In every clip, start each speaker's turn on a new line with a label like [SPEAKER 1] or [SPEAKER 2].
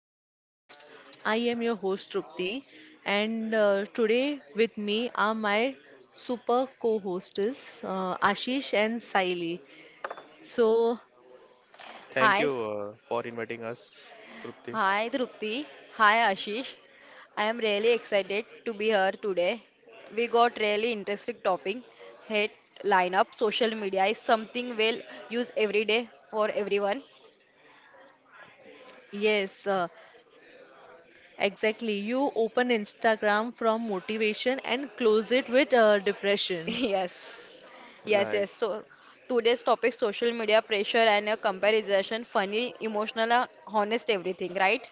[SPEAKER 1] to our podcast. I am your host Trupti, and today with me are my super co-hosts Ashish and Saili. So
[SPEAKER 2] Thank
[SPEAKER 3] Hi,
[SPEAKER 2] you
[SPEAKER 3] s-
[SPEAKER 2] for inviting us, Trupti.
[SPEAKER 3] Hi Drupti. Hi Ashish. I am really excited to be here today. We got really interesting topic. Hit lineup. Social media is something we'll use every day for everyone.
[SPEAKER 1] yes, exactly. You open Instagram from motivation and close it with depression.
[SPEAKER 3] Yes. Yes,
[SPEAKER 2] Like,
[SPEAKER 3] yes. So today's topic social media pressure and a comparison, funny, emotional, honest everything, right?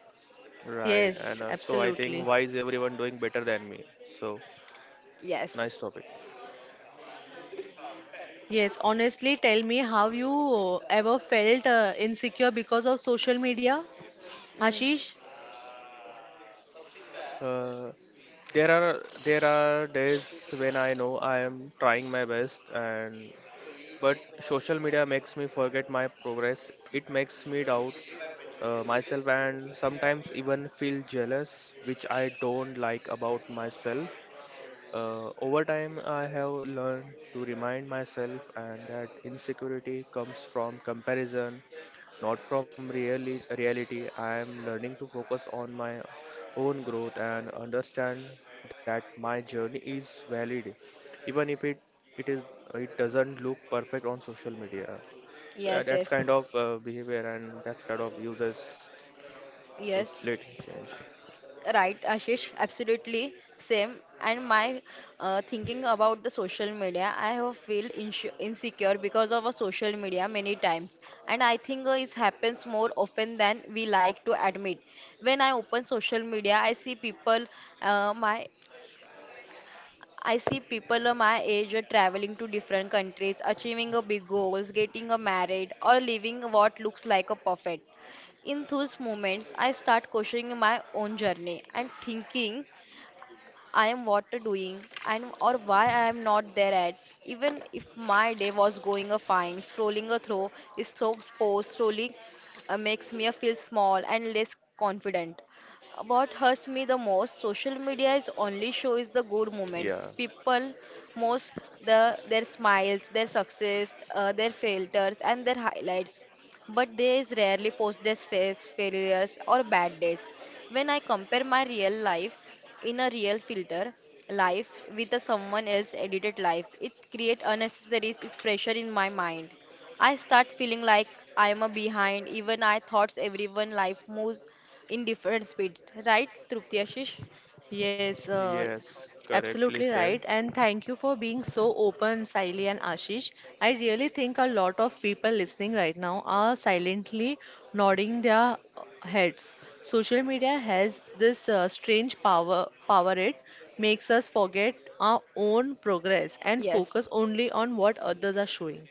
[SPEAKER 2] right. And
[SPEAKER 1] Yes,
[SPEAKER 2] also, I think
[SPEAKER 1] absolutely.
[SPEAKER 2] why is everyone doing better than me? So, nice
[SPEAKER 3] Yes.
[SPEAKER 2] topic.
[SPEAKER 1] Yes, honestly, tell me how you ever felt insecure because of social media,
[SPEAKER 3] Mm.
[SPEAKER 1] Ashish?
[SPEAKER 2] Uh, there are days when I know I am trying my best, and but social media makes me forget my progress. It makes me doubt myself and sometimes even feel jealous, which I don't like about myself. Over time, I have learned to remind myself and that insecurity comes from comparison, not from reality. I am learning to focus on my own growth and understand that my journey is valid, even if it is it doesn't look perfect on social media. So yeah,
[SPEAKER 3] Yes,
[SPEAKER 2] that's kind
[SPEAKER 3] yes.
[SPEAKER 2] of behavior and that's kind of uses. So
[SPEAKER 3] Yes.
[SPEAKER 2] let me change.
[SPEAKER 3] Right, Ashish, absolutely same. And my thinking about the social media, I have feel insu insecure because of a social media many times, and I think it happens more often than we like to admit. When I open social media, I see people, my I see people of my age are traveling to different countries, achieving a big goals, getting a married, or living what looks like a perfect. In those moments, I start questioning my own journey and thinking I am what to doing and or why I am not there at. Even if my day was going a fine, scrolling a throw is throw post slowly makes me feel small and less confident. What hurts me the most, social media is
[SPEAKER 2] Yeah.
[SPEAKER 3] only shows the good moments. People most the their smiles, their success, their filters, and their highlights but they is rarely post their stress, failures, or bad dates. When I compare my real life in a real filter life with a someone else edited life, it creates unnecessary pressure in my mind. I start feeling like I am a behind. Even I thoughts everyone life moves in different speed. Right, Trupti Ashish?
[SPEAKER 1] Yes,
[SPEAKER 2] Yes. Correctly
[SPEAKER 1] absolutely
[SPEAKER 2] said.
[SPEAKER 1] right. And thank you for being so open, Saili and Ashish. I really think a lot of people listening right now are silently nodding their heads. Social media has this strange power, power it makes us forget our own progress and focus
[SPEAKER 3] Yes.
[SPEAKER 1] only on what others are showing.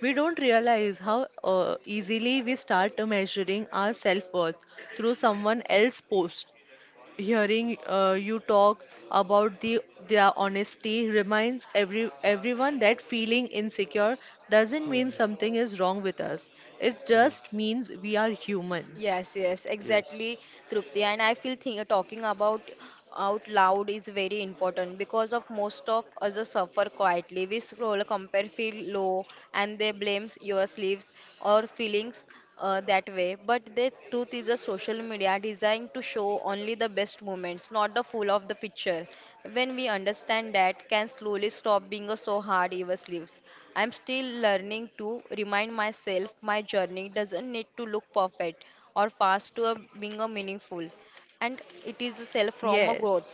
[SPEAKER 1] We don't realize how easily we start measuring our self worth through someone else's post. Hearing you talk about their honesty reminds everyone that feeling insecure doesn't mean
[SPEAKER 2] Hmm.
[SPEAKER 1] something is wrong with us. It
[SPEAKER 2] Hmm.
[SPEAKER 1] just means we are human.
[SPEAKER 3] Yes, yes, exactly,
[SPEAKER 2] Yes.
[SPEAKER 3] Trupti. And I feel think, talking about out loud is very important because of most of us suffer quietly. We scroll, compare, feel low, and they blame your sleeves or feelings that way. But the truth is, a social media designed to show only the best moments, not the full of the picture. When we understand that, can slowly stop being a so hard ever sleeps. I'm still learning to remind myself my journey doesn't need to look perfect or fast to a, being a meaningful and it is a self from a
[SPEAKER 1] Yes.
[SPEAKER 3] growth.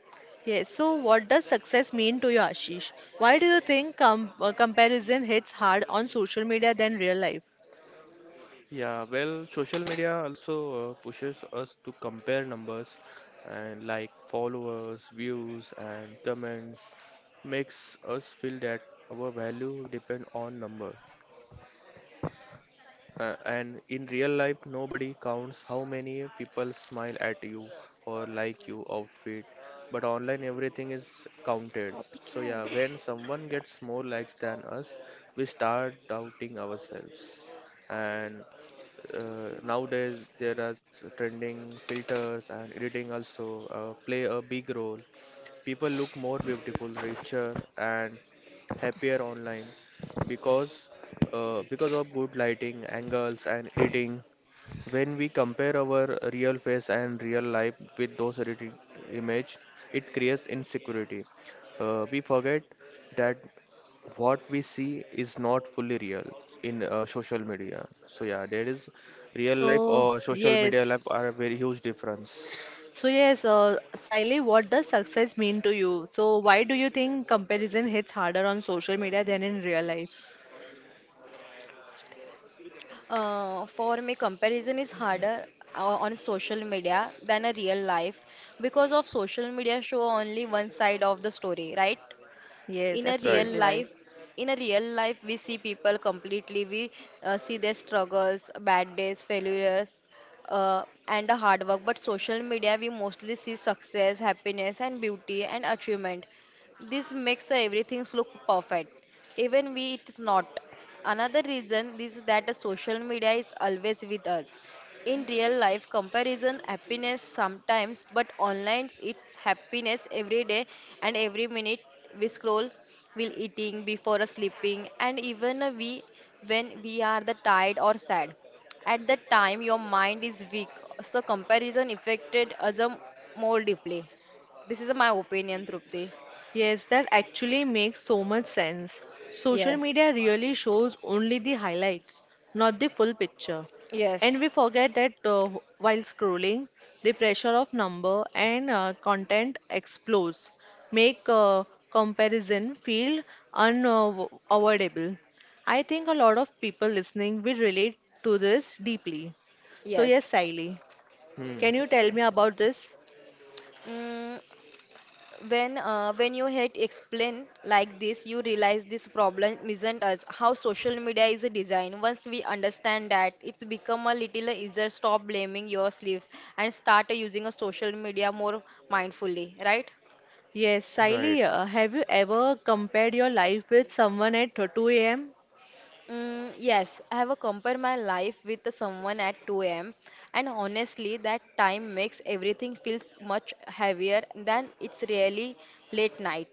[SPEAKER 1] Yes. So what does success mean to you, Ashish? Why do you think comparison hits hard on social media than real life?
[SPEAKER 2] Yeah, well, social media also pushes us to compare numbers and like followers, views, and comments makes us feel that our value depend on number. And in real life, nobody counts how many people smile at you or like you outfit. But online, everything is counted. So yeah,
[SPEAKER 1] Copycat.
[SPEAKER 2] when someone gets more likes than us, we start doubting ourselves. And nowadays, there are trending filters and editing also play a big role. People look more beautiful, richer, and happier online because because of good lighting, angles, and editing. When we compare our real face and real life with those edited image, it creates insecurity. We forget that what we see is not fully real in social media. So yeah, there is real life
[SPEAKER 1] So,
[SPEAKER 2] or social media
[SPEAKER 1] yes,
[SPEAKER 2] life are a very huge difference.
[SPEAKER 1] So yes, Saili, what does success mean to you? So why do you think comparison hits harder on social media than in real life?
[SPEAKER 3] For me, comparison is harder on social media than a real life because of social media show only one side of the story, right?
[SPEAKER 1] Yes,
[SPEAKER 3] in a real
[SPEAKER 2] Right.
[SPEAKER 1] absolutely right.
[SPEAKER 3] life in a real life we see people completely we see their struggles bad days failures uh, and the hard work but social media we mostly see success happiness and beauty and achievement this makes everything look perfect even we it's not another reason is that the social media is always with us in real life, comparison happiness sometimes, but online it's happiness every day and every minute we scroll, while eating, before sleeping, and even we when we are the tired or sad. At that time, your mind is weak, so comparison affected us more deeply. This is my opinion, Trupti.
[SPEAKER 1] Yes, that actually makes so much sense. Social
[SPEAKER 3] Yes,
[SPEAKER 1] media really shows only the highlights, not the full picture. And
[SPEAKER 3] yes,
[SPEAKER 1] we forget that while scrolling, the pressure of number and content explodes, make comparison feel unavoidable. I think a lot of people listening will relate to this deeply. So yes,
[SPEAKER 3] yes.
[SPEAKER 1] Siley,
[SPEAKER 2] Hmm.
[SPEAKER 1] can you tell me about this?
[SPEAKER 3] Mm, when you head explain like this you realize this problem isn't us how social media is designed once we understand that it's become a little easier stop blaming your sleeves and start using a social media more mindfully right.
[SPEAKER 1] Yes,
[SPEAKER 2] Right.
[SPEAKER 1] Saili, have you ever compared your life with someone at 2 a.m.?
[SPEAKER 3] Mm, yes, I have a compared my life with the someone at 2 a.m. and honestly, that time makes everything feels much heavier than it's really late night.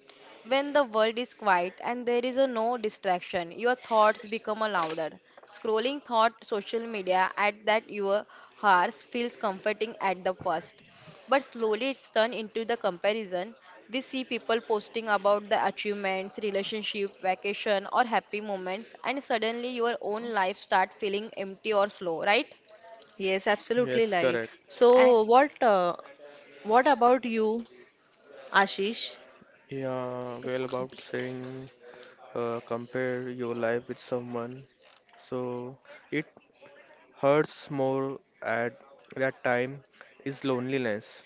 [SPEAKER 3] When the world is quiet and there is a no distraction, your thoughts become a louder. Scrolling thought social media at that your hours feels comforting at the first, but slowly it's turned into the comparison. We see people posting about the achievements, relationship, vacation, or happy moments, and suddenly your own life start feeling empty or slow, right?
[SPEAKER 1] Yes, absolutely
[SPEAKER 2] Yes,
[SPEAKER 1] right.
[SPEAKER 2] correct.
[SPEAKER 3] And
[SPEAKER 1] So, what about you, Ashish?
[SPEAKER 2] Yeah, well, about saying compare your life with someone. So it hurts more at that time is loneliness.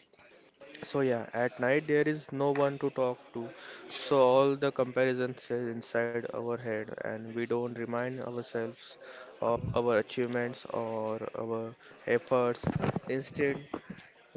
[SPEAKER 2] So yeah, at night there is no one to talk to. So all the comparisons is inside our head and we don't remind ourselves of our achievements or our efforts. Instead,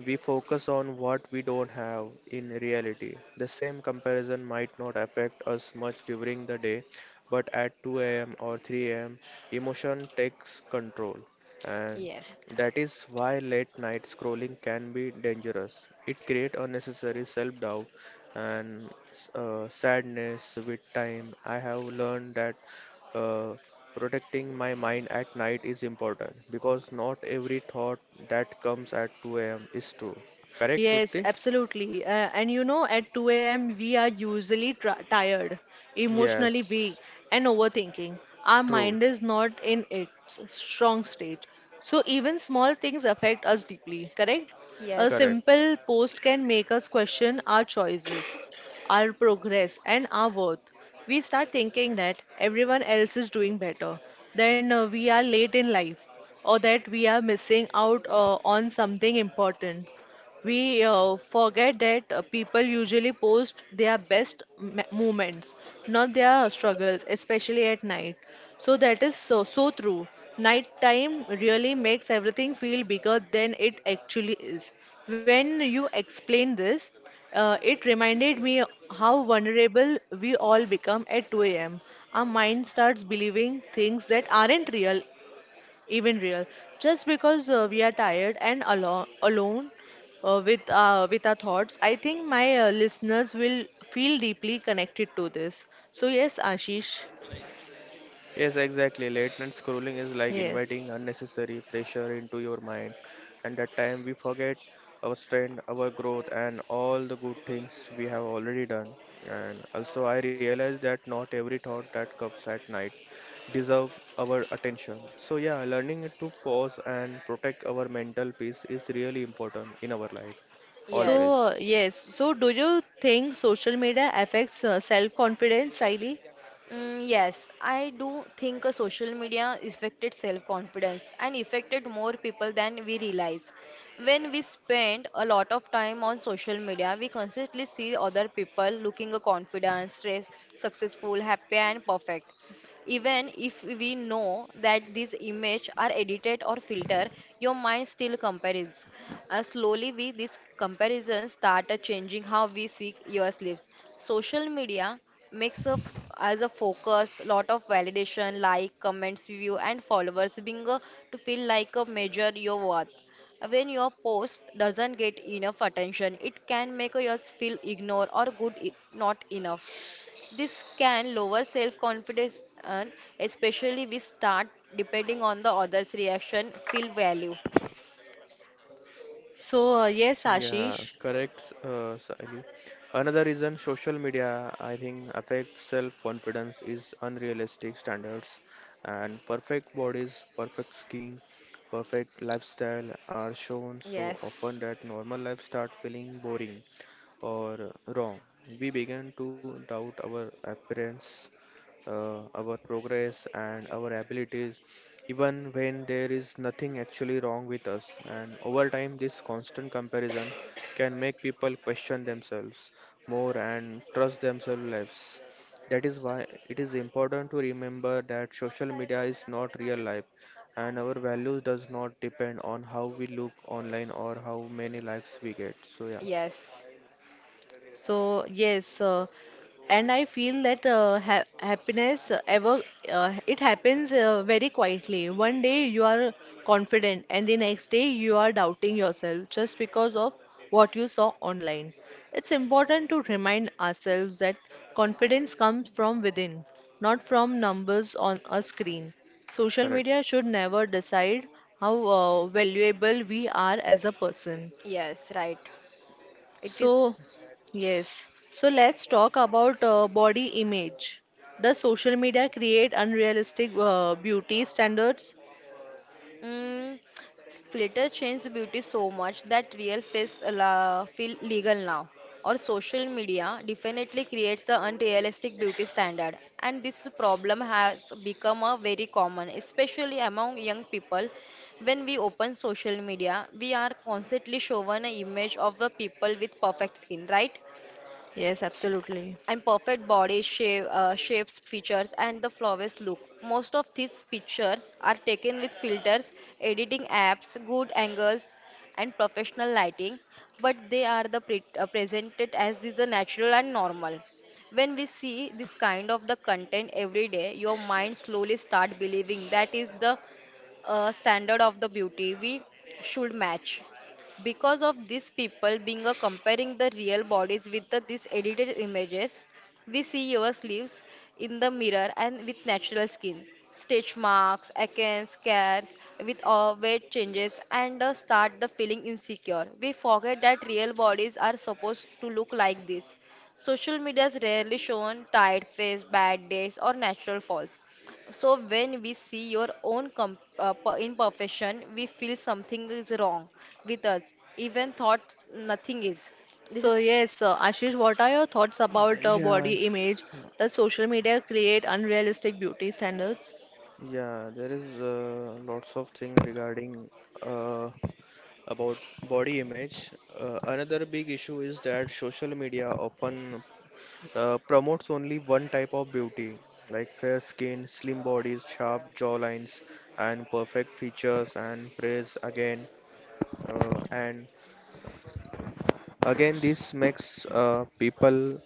[SPEAKER 2] we focus on what we don't have in reality. The same comparison might not affect us much during the day, but at 2 a.m. or 3 a.m., emotion takes control. And
[SPEAKER 3] yes,
[SPEAKER 2] that is why late night scrolling can be dangerous. It creates unnecessary self doubt and sadness with time. I have learned that. Uh, Protecting my mind at night is important because not every thought that comes at 2 a.m. is true. Correct,
[SPEAKER 1] Yes,
[SPEAKER 2] Trupti?
[SPEAKER 1] absolutely. And you know, at 2 a.m., we are usually tr tired, emotionally weak,
[SPEAKER 2] Yes,
[SPEAKER 1] and overthinking. Our
[SPEAKER 2] true,
[SPEAKER 1] mind is not in its strong state. So, even small things affect us deeply, correct? A
[SPEAKER 3] yes,
[SPEAKER 2] correct.
[SPEAKER 1] simple post can make us question our choices, our progress, and our worth. We start thinking that everyone else is doing better, then we are late in life, or that we are missing out on something important. We forget that people usually post their best moments, not their struggles, especially at night. So that is so so true. Nighttime really makes everything feel bigger than it actually is. When you explained this, it reminded me how vulnerable we all become at 2 a.m. Our mind starts believing things that aren't real, even real, just because we are tired and alone with our thoughts. I think my listeners will feel deeply connected to this. So yes, Ashish.
[SPEAKER 2] Yes, exactly. Late night scrolling is like
[SPEAKER 1] Yes.
[SPEAKER 2] inviting unnecessary pressure into your mind, and that time we forget our strength, our growth, and all the good things we have already done. And also, I realize that not every thought that comes at night deserve our attention. So yeah, learning to pause and protect our mental peace is really important in our life,
[SPEAKER 1] So
[SPEAKER 3] yes.
[SPEAKER 2] always.
[SPEAKER 1] yes, so do you think social media affects self confidence, Siley?
[SPEAKER 3] Mm, yes, I do think social media affected self-confidence and affected more people than we realize. When we spend a lot of time on social media, we constantly see other people looking confident, stress, successful, happy, and perfect. Even if we know that these images are edited or filtered, your mind still compares. Slowly, we these comparisons, start changing how we see your sleeps. Social media makes a f as a focus lot of validation, like, comments, view, and followers being to feel like a measure your worth. When your post doesn't get enough attention, it can make us feel ignored or good, not enough. This can lower self confidence, and especially we start depending on the other's reaction, feel value.
[SPEAKER 1] So yes,
[SPEAKER 2] Yeah,
[SPEAKER 1] Ashish.
[SPEAKER 2] correct, Sally. Another reason social media, I think, affects self-confidence is unrealistic standards, and perfect bodies, perfect skin, perfect lifestyle are shown so
[SPEAKER 3] Yes,
[SPEAKER 2] often that normal life start feeling boring or wrong. We begin to doubt our appearance, our progress, and our abilities even when there is nothing actually wrong with us. And over time, this constant comparison can make people question themselves more and trust themselves less. That is why it is important to remember that social media is not real life and our values does not depend on how we look online or how many likes we get. So yeah,
[SPEAKER 3] yes,
[SPEAKER 1] So yes, and I feel that ha happiness ever it happens very quietly. One day you are confident, and the next day you are doubting yourself just because of what you saw online. It's important to remind ourselves that confidence comes from within, not from numbers on a screen. Social
[SPEAKER 2] correct.
[SPEAKER 1] media should never decide how valuable we are as a person.
[SPEAKER 3] yes, right. It is.
[SPEAKER 1] So, yes. So let's talk about body image. Does social media create unrealistic beauty standards?
[SPEAKER 3] Mm, filter changed beauty so much that real face feel legal now. Or social media definitely creates an unrealistic beauty standard. And this problem has become a very common, especially among young people. When we open social media, we are constantly shown an image of the people with perfect skin, right?
[SPEAKER 1] Yes, absolutely.
[SPEAKER 3] And perfect body shape, shapes, features, and the flawless look. Most of these pictures are taken with filters, editing apps, good angles, and professional lighting, but they are the presented as these are natural and normal. When we see this kind of the content every day, your mind slowly start believing that is the standard of the beauty we should match because of these people being a comparing the real bodies with the, these edited images we see yourselves in the mirror and with natural skin, stitch marks, acne scars, with all weight changes, and start the feeling insecure. We forget that real bodies are supposed to look like this. Social media is rarely shown tired face, bad days, or natural falls. So when we see your own imperfection, we feel something is wrong with us, even thoughts nothing is. This
[SPEAKER 1] So
[SPEAKER 3] is
[SPEAKER 1] yes, Ashish, what are your thoughts about
[SPEAKER 2] Yeah,
[SPEAKER 1] body image? Does social media create unrealistic beauty standards?
[SPEAKER 2] yeah, there is lots of thing regarding uh, about body image. Another big issue is that social media often promotes only one type of beauty, like fair skin, slim bodies, sharp jawlines, and perfect features, and praise again and Again, this makes people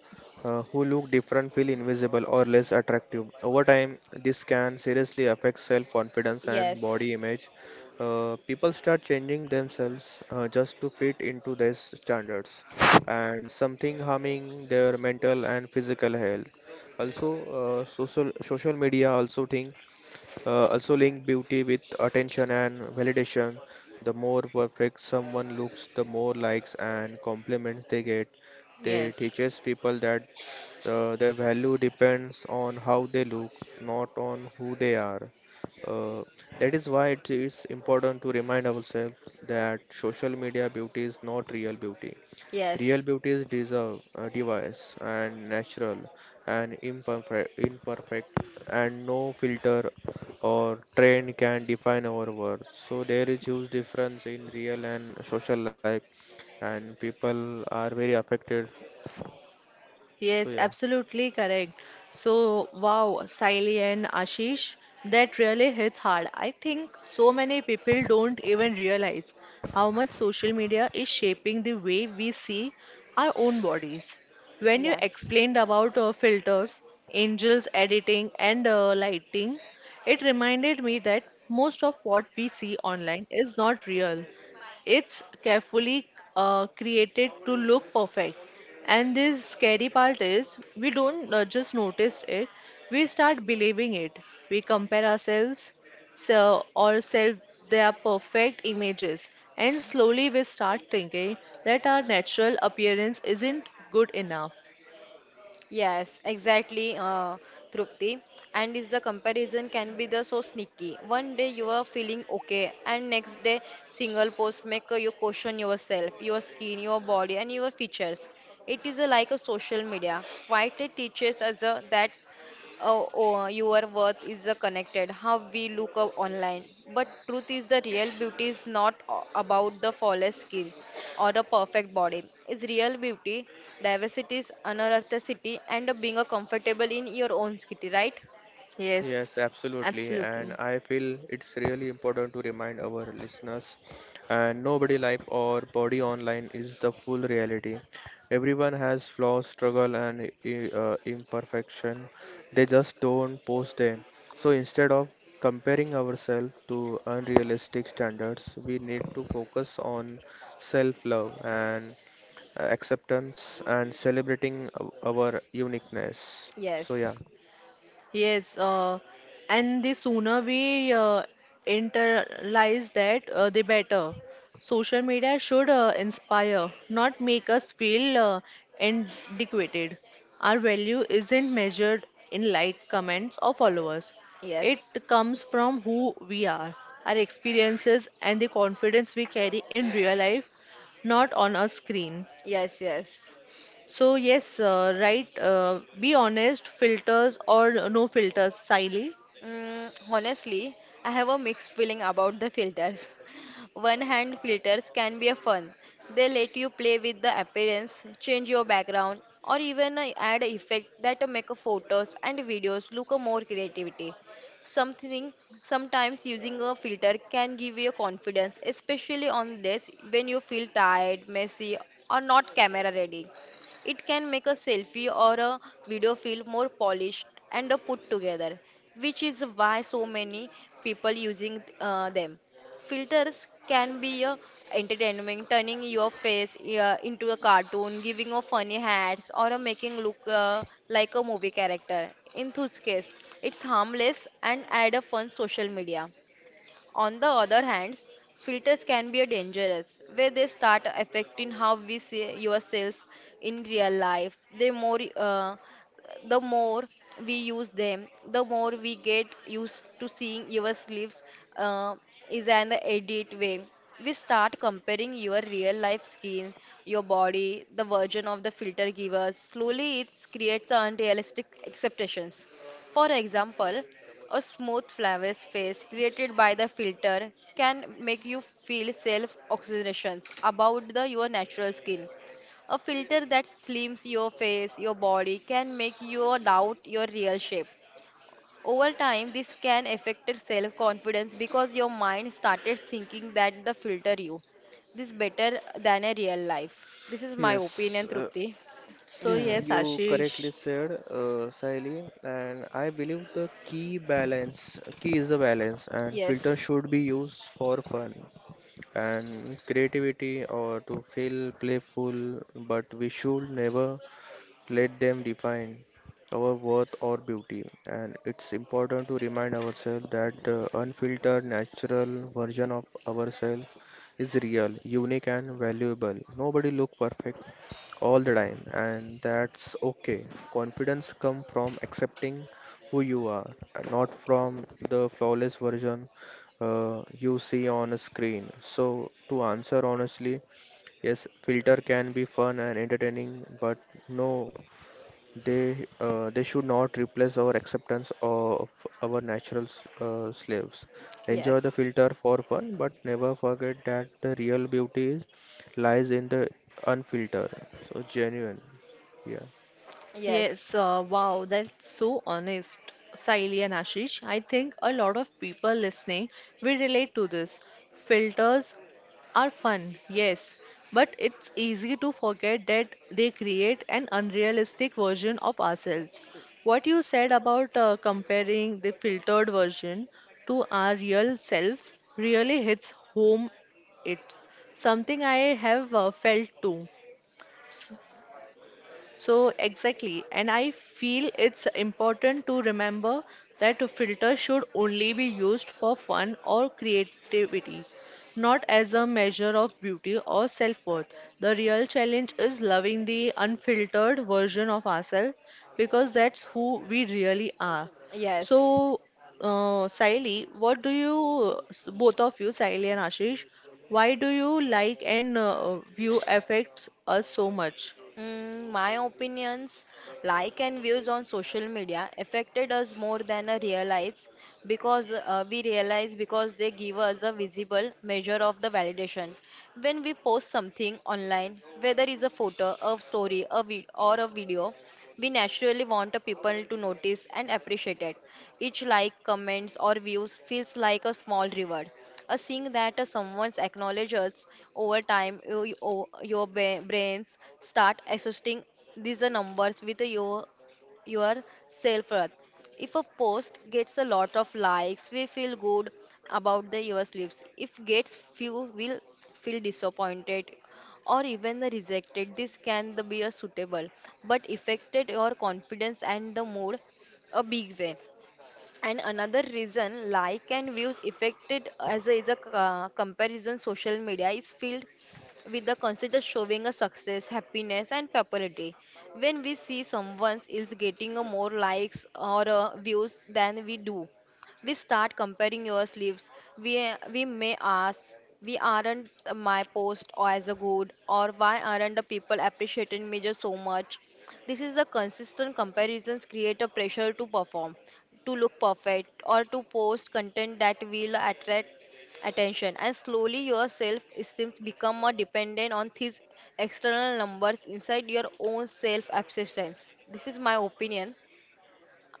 [SPEAKER 2] who look different feel invisible or less attractive. Over time, this can seriously affect self confidence and body
[SPEAKER 3] yes,
[SPEAKER 2] image. People start changing themselves just to fit into these standards, and something harming their mental and physical health. Also, social media also thing also link beauty with attention and validation. The more perfect someone looks, the more likes and compliments they get. They
[SPEAKER 1] Yes.
[SPEAKER 2] teaches people that their value depends on how they look, not on who they are. Uh, that is why it is important to remind ourselves that social media beauty is not real beauty. Real
[SPEAKER 3] yes.
[SPEAKER 2] beauty is deserve, device and natural and imperfect and no filter or trend can define our worth. So there is huge difference in real and social life, and people are very affected. So
[SPEAKER 1] Yes,
[SPEAKER 2] yeah.
[SPEAKER 1] absolutely correct. So, wow, Siley and Ashish, that really hits hard. I think so many people don't even realize how much social media is shaping the way we see our own bodies. When you
[SPEAKER 3] Yes,
[SPEAKER 1] explained about filters, angels editing, and lighting, it reminded me that most of what we see online is not real. It's carefully created to look perfect. And this scary part is we don't just notice it, we start believing it. We compare ourselves, so or self, their perfect images, and slowly we start thinking that our natural appearance isn't good enough.
[SPEAKER 3] yes, exactly, Trupti. And is the comparison can be the so sneaky. One day you are feeling okay, and next day single post make you question yourself, your skin, your body, and your features. It is like a social media. Why it teaches us that oh, oh, your worth is connected how we look up online. But truth is the real beauty is not about the flawless skin or the perfect body. It's real beauty, diversity, unearthicity, and being comfortable in your own skin, right?
[SPEAKER 1] Yes,
[SPEAKER 2] Yes, absolutely. And
[SPEAKER 1] absolutely.
[SPEAKER 2] I feel it's really important to remind our listeners and nobody life or body online is the full reality. Everyone has flaws, struggle, and imperfection. They just don't post them. So instead of comparing ourselves to unrealistic standards, we need to focus on self-love and acceptance and celebrating our uniqueness. So yeah.
[SPEAKER 3] Yes,
[SPEAKER 1] Yes, and the sooner we internalize that, the better. Social media should inspire, not make us feel inadequate. Our value isn't measured in like, comments, or followers. It
[SPEAKER 3] yes,
[SPEAKER 1] comes from who we are, our experiences, and the confidence we carry in real life, not on a screen.
[SPEAKER 3] yes, yes.
[SPEAKER 1] So yes, right. Be honest, filters or no filters, Siley.
[SPEAKER 3] Mm, honestly, I have a mixed feeling about the filters. One hand filters can be a fun. They let you play with the appearance, change your background, or even add a effect that make a photos and videos look a more creativity. Something sometimes using a filter can give you confidence, especially on days when you feel tired, messy, or not camera ready. It can make a selfie or a video feel more polished and put together, which is why so many people using them. Filters can be a entertainment, turning your face into a cartoon, giving a funny hats, or a making look like a movie character. In whose case, it's harmless and add a fun social media. On the other hand, filters can be a dangerous, where they start affecting how we see yourselves in real life. The more we use them, the more we get used to seeing your sleeves uh, is an edit way. We start comparing your real life skin, your body, the version of the filter givers. Slowly, it creates unrealistic expectations. For example, a smooth flawless face created by the filter can make you feel self oxygenations about the, your natural skin. A filter that slims your face, your body can make you doubt your real shape. Over time, this can affect self confidence because your mind started thinking that the filter you. This better than a real life. This is my
[SPEAKER 2] Yes,
[SPEAKER 3] opinion, Trupti.
[SPEAKER 1] So
[SPEAKER 2] Yeah,
[SPEAKER 1] yes,
[SPEAKER 2] you
[SPEAKER 1] Ashish.
[SPEAKER 2] correctly said, Sahili, and I believe key is the balance, and filter
[SPEAKER 3] Yes,
[SPEAKER 2] should be used for fun and creativity or to feel playful, but we should never let them define our worth or beauty. And it's important to remind ourselves that the unfiltered, natural version of ourselves is real, unique, and valuable. Nobody look perfect all the time, and that's okay. Confidence comes from accepting who you are, not from the flawless version you see on a screen. So, to answer honestly, yes, filter can be fun and entertaining, but no they should not replace our acceptance of our natural slaves. Enjoy
[SPEAKER 3] yes,
[SPEAKER 2] the filter for fun, but never forget that the real beauty is, lies in the unfiltered. So genuine. Yeah.
[SPEAKER 3] yes,
[SPEAKER 1] Yes, wow, that's so honest, Saili and Ashish. I think a lot of people listening will relate to this. Filters are fun, yes, but it's easy to forget that they create an unrealistic version of ourselves. What you said about comparing the filtered version to our real selves really hits home. It's something I have felt too. So, exactly. And I feel it's important to remember that a filter should only be used for fun or creativity, not as a measure of beauty or self worth. The real challenge is loving the unfiltered version of ourselves because that's who we really are.
[SPEAKER 3] yes.
[SPEAKER 1] So, Saili, what do you, both of you, Saili and Ashish, why do you like and view affects us so much?
[SPEAKER 3] Mm, my opinions, like and views on social media affected us more than I realize because they give us a visible measure of the validation. When we post something online, whether it's a photo, a story, a vid- or a video, we naturally want the people to notice and appreciate it. Each like, comments, or views feels like a small reward. A seeing that someone's acknowledges over time, brains start associating these numbers with your self worth. If a post gets a lot of likes, we feel good about the your yourselves. If gets few, we'll feel disappointed or even the rejected. This can the be a suitable but affected your confidence and the mood a big way. And another reason like and views affected as a, is a comparison social media is filled with the concept of showing a success, happiness and popularity. When we see someone else getting a more likes or views than we do, we start comparing your sleeves. We may ask, we aren't my post or as a good or why aren't the people appreciating me just so much? This is the consistent comparisons create a pressure to perform to look perfect or to post content that will attract attention and slowly your self esteem become more dependent on these external numbers inside your own self absistence, this is my opinion,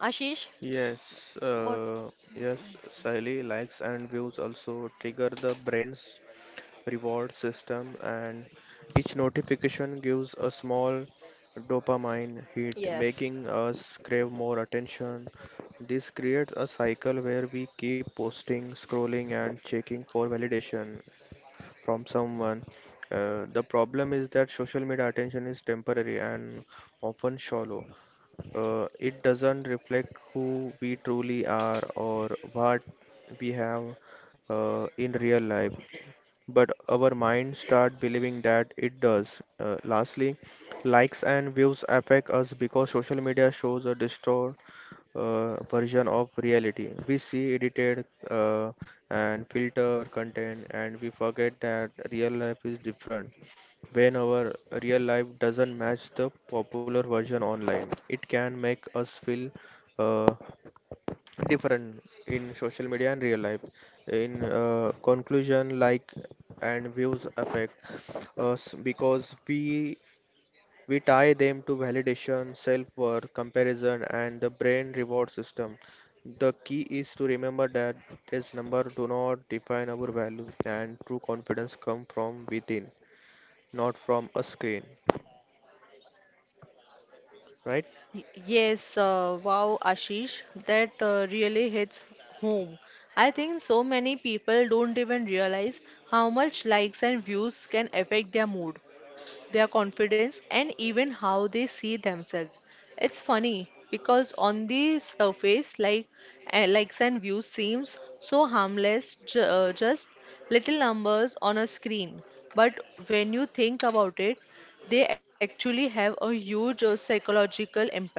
[SPEAKER 3] ashish.
[SPEAKER 2] Yes,
[SPEAKER 3] What?
[SPEAKER 2] yes, Sally likes and views also trigger the brain's reward system, and each notification gives a small dopamine hit,
[SPEAKER 3] Yes,
[SPEAKER 2] making us crave more attention. This creates a cycle where we keep posting, scrolling, and checking for validation from someone. The problem is that social media attention is temporary and often shallow. It doesn't reflect who we truly are or what we have in real life but our mind start believing that it does. Lastly, likes and views affect us because social media shows a distorted version of reality. We see edited and filter content, and we forget that real life is different. When our real life doesn't match the popular version online, it can make us feel uh, different in social media and real life. In conclusion, like and views affect us because we tie them to validation, self-worth, comparison, and the brain reward system. The key is to remember that these numbers do not define our value, and true confidence comes from within, not from a screen. Right?
[SPEAKER 1] Y- Yes, wow, Ashish, that really hits home. I think so many people don't even realize how much likes and views can affect their mood, their confidence, and even how they see themselves. It's funny because on the surface, like likes and views seems so harmless, ju just little numbers on a screen. But when you think about it, they actually have a huge psychological impact.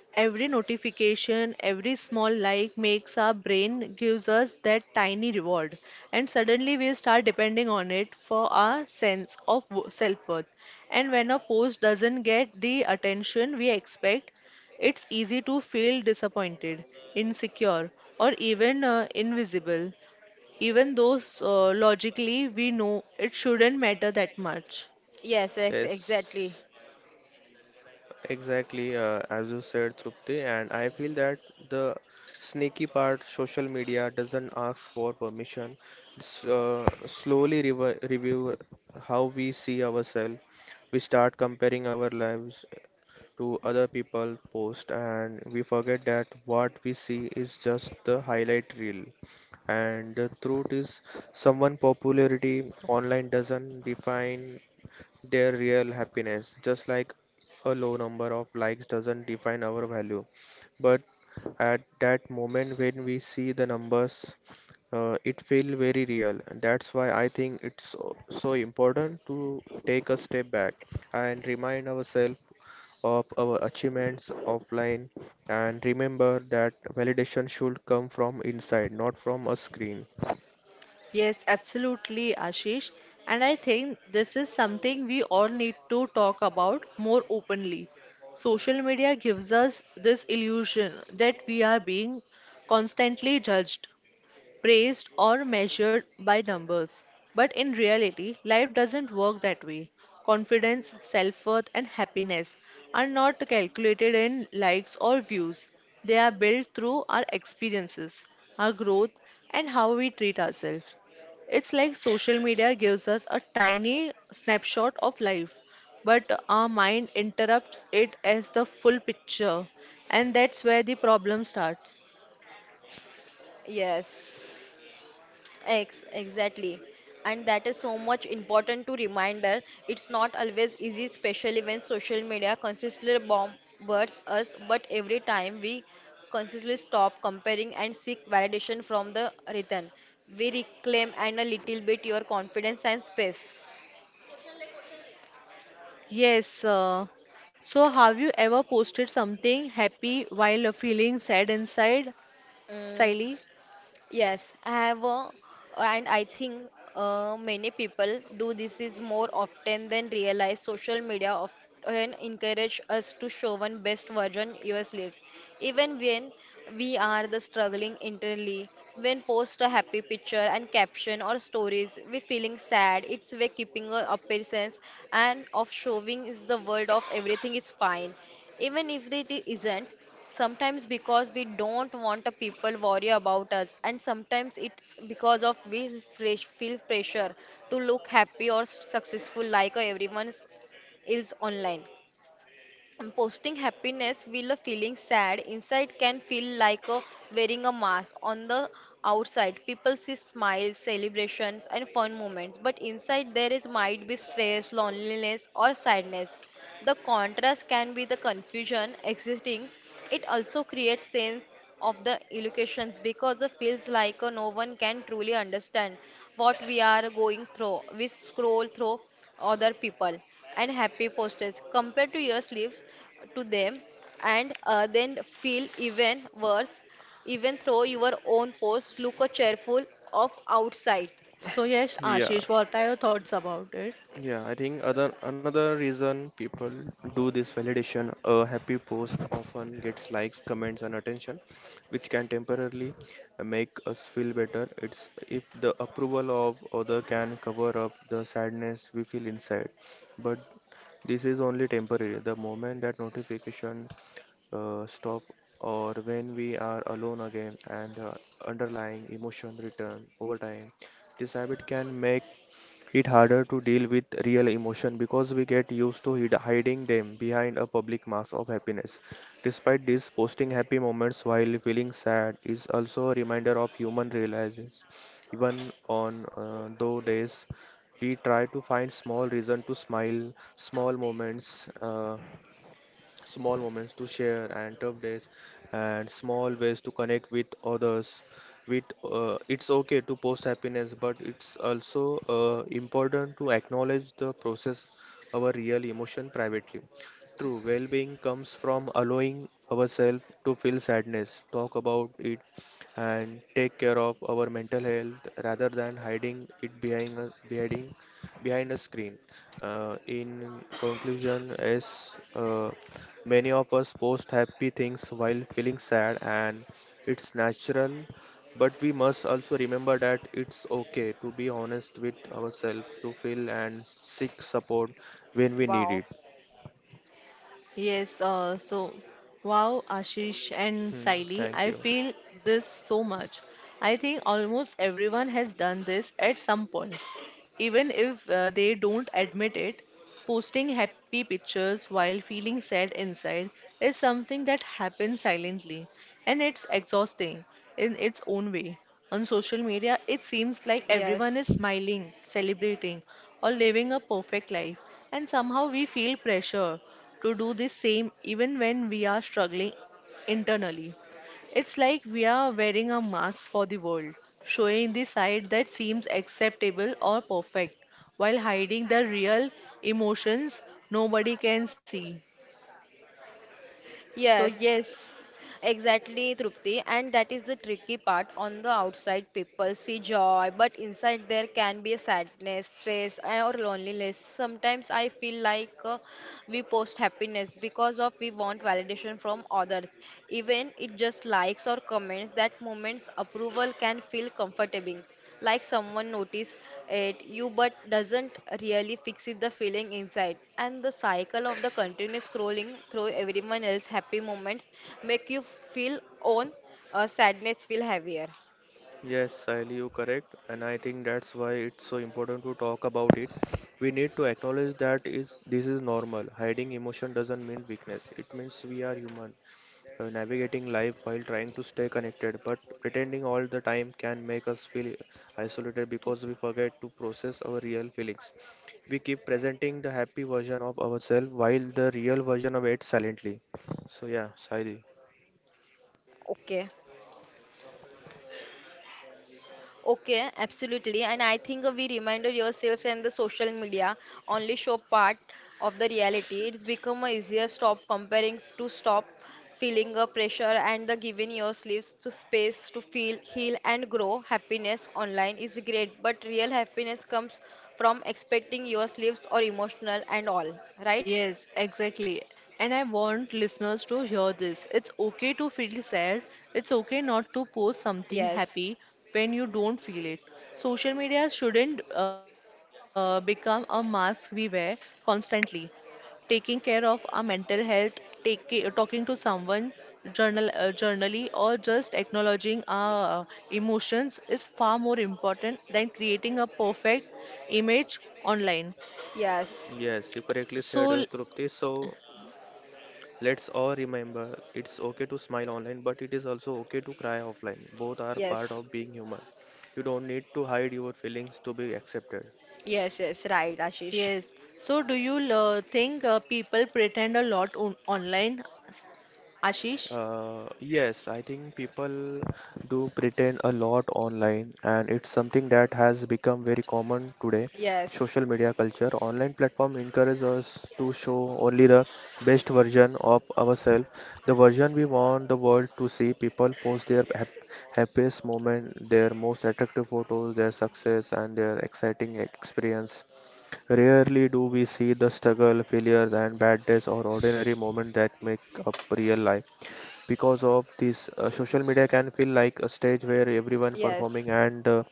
[SPEAKER 1] Every notification, every small like makes our brain gives us that tiny reward, and suddenly we start depending on it for our sense of self worth. And when a post doesn't get the attention we expect, it's easy to feel disappointed, insecure, or even invisible, even though logically we know it shouldn't matter that much.
[SPEAKER 3] yes, exactly.
[SPEAKER 2] Yes. Exactly, as you said, Trupti, and I feel that the sneaky part, social media doesn't ask for permission. It's, slowly revi review how we see ourselves. We start comparing our lives to other people post, and we forget that what we see is just the highlight reel. And the truth is, someone popularity online doesn't define their real happiness. Just like a low number of likes doesn't define our value, but at that moment when we see the numbers, it feel very real. And that's why I think it's so, so important to take a step back and remind ourselves of our achievements offline and remember that validation should come from inside, not from a screen.
[SPEAKER 1] Yes, absolutely, Ashish. And I think this is something we all need to talk about more openly. Social media gives us this illusion that we are being constantly judged, praised or measured by numbers. But in reality, life doesn't work that way. Confidence, self worth, and happiness are not calculated in likes or views. They are built through our experiences, our growth, and how we treat ourselves. It's like social media gives us a tiny snapshot of life, but our mind interrupts it as the full picture, and that's where the problem starts.
[SPEAKER 3] Yes, Ex exactly. And that is so much important to reminder. It's not always easy, especially when social media consistently bombards us, but every time we consistently stop comparing and seek validation from the written, we reclaim and a little bit your confidence and space.
[SPEAKER 1] Yes. So, have you ever posted something happy while feeling sad inside,
[SPEAKER 3] Mm.
[SPEAKER 1] Siley?
[SPEAKER 3] Yes, I have, and I think many people do this is more often than realize. Social media often encourage us to show one best version yourselves, even when we are the struggling internally. When post a happy picture and caption or stories, we feeling sad. It's way keeping a appearance and of showing is the world of everything is fine, even if it isn't sometimes because we don't want the people worry about us and sometimes it's because of we fresh feel pressure to look happy or successful like everyone is online. And posting happiness while feeling sad inside can feel like a wearing a mask on the outside. People see smiles, celebrations and fun moments, but inside there is might be stress, loneliness or sadness. The contrast can be the confusion existing. It also creates sense of the illusions because it feels like no one can truly understand what we are going through. We scroll through other people and happy posters compared to your sleeves to them and then feel even worse, even though your own posts look cheerful of outside.
[SPEAKER 1] So, yes,
[SPEAKER 2] Yeah,
[SPEAKER 1] Ashish, what are your thoughts about it?
[SPEAKER 2] Yeah, I think other another reason people do this validation, a happy post often gets likes, comments, and attention, which can temporarily make us feel better. It's if the approval of other can cover up the sadness we feel inside, but this is only temporary. The moment that notification stop or when we are alone again and the underlying emotion return over time, this habit can make it harder to deal with real emotion because we get used to hiding them behind a public mask of happiness. Despite this, posting happy moments while feeling sad is also a reminder of human realizes. Even on those days, we try to find small reason to smile, small moments. Small moments to share and tough days and small ways to connect with others with it's okay to post happiness but it's also important to acknowledge the process our real emotion privately true well-being comes from allowing ourselves to feel sadness talk about it and take care of our mental health rather than hiding it behind a screen in conclusion, as many of us post happy things while feeling sad, and it's natural, but we must also remember that it's okay to be honest with ourselves, to feel and seek support when we need
[SPEAKER 3] Wow.
[SPEAKER 2] it.
[SPEAKER 1] Yes. So, wow, Ashish and
[SPEAKER 2] Hmm,
[SPEAKER 1] Siley,
[SPEAKER 2] thank
[SPEAKER 1] I
[SPEAKER 2] you.
[SPEAKER 1] feel this so much. I think almost everyone has done this at some point, even if they don't admit it. Posting happy pictures while feeling sad inside is something that happens silently. And it's exhausting in its own way. On social media, it seems like everyone is
[SPEAKER 3] Yes.
[SPEAKER 1] smiling, celebrating, or living a perfect life, and somehow we feel pressure to do the same even when we are struggling internally. It's like we are wearing a mask for the world, showing the side that seems acceptable or perfect, while hiding the real emotions nobody can see. So
[SPEAKER 3] Yes.
[SPEAKER 1] yes.
[SPEAKER 3] Exactly, Trupti, and that is the tricky part. On the outside, people see joy, but inside there can be a sadness, stress, eh, or loneliness. Sometimes I feel like we post happiness because of we want validation from others, even it just likes or comments. That moment's approval can feel comforting, like someone notice it you, but doesn't really fix it the feeling inside and the cycle of the continuous scrolling through everyone else's happy moments make you feel own sadness feel heavier.
[SPEAKER 2] Yes, Sahil, you correct, and I think that's why it's so important to talk about it. We need to acknowledge that is this is normal. Hiding emotion doesn't mean weakness. It means we are human. Navigating life while trying to stay connected, but pretending all the time can make us feel isolated because we forget to process our real feelings. We keep presenting the happy version of ourselves while the real version of silently. So, yeah, Saidi.
[SPEAKER 3] Okay. Okay, absolutely. And I think we reminded yourselves and the social media only show part of the reality. It's become a easier stop comparing to stop feeling a pressure and the giving yourselves to space to feel, heal and grow. Happiness online is great, but real happiness comes from expecting yourselves or emotional and all, right?
[SPEAKER 1] Yes, exactly. And I want listeners to hear this. It's okay to feel sad. It's okay not to post something
[SPEAKER 3] Yes.
[SPEAKER 1] happy when you don't feel it. Social media shouldn't become a mask we wear constantly. Taking care of our mental health, take, talking to someone journal, journally, or just acknowledging our emotions is far more important than creating a perfect image online.
[SPEAKER 2] Yes,
[SPEAKER 3] Yes.
[SPEAKER 2] you correctly said,
[SPEAKER 1] So
[SPEAKER 2] Trupti. So, let's all remember it's okay to smile online, but it is also okay to cry offline. Both are part
[SPEAKER 3] Yes.
[SPEAKER 2] of being human. You don't need to hide your feelings to be accepted.
[SPEAKER 3] Yes, yes, right, Ashish.
[SPEAKER 1] yes. So, do you think people pretend a lot on online, Ashish?
[SPEAKER 2] Yes, I think people do pretend a lot online, and it's something that has become very common today.
[SPEAKER 3] Yes.
[SPEAKER 2] Social media culture, online platform encourage us to show only the best version of ourselves, the version we want the world to see. People post their happiest moment, their most attractive photos, their success, and their exciting experience. Rarely do we see the struggle, failures, and bad days or ordinary moments that make up real life because of this social media can feel like a stage where everyone
[SPEAKER 3] Yes.
[SPEAKER 2] performing and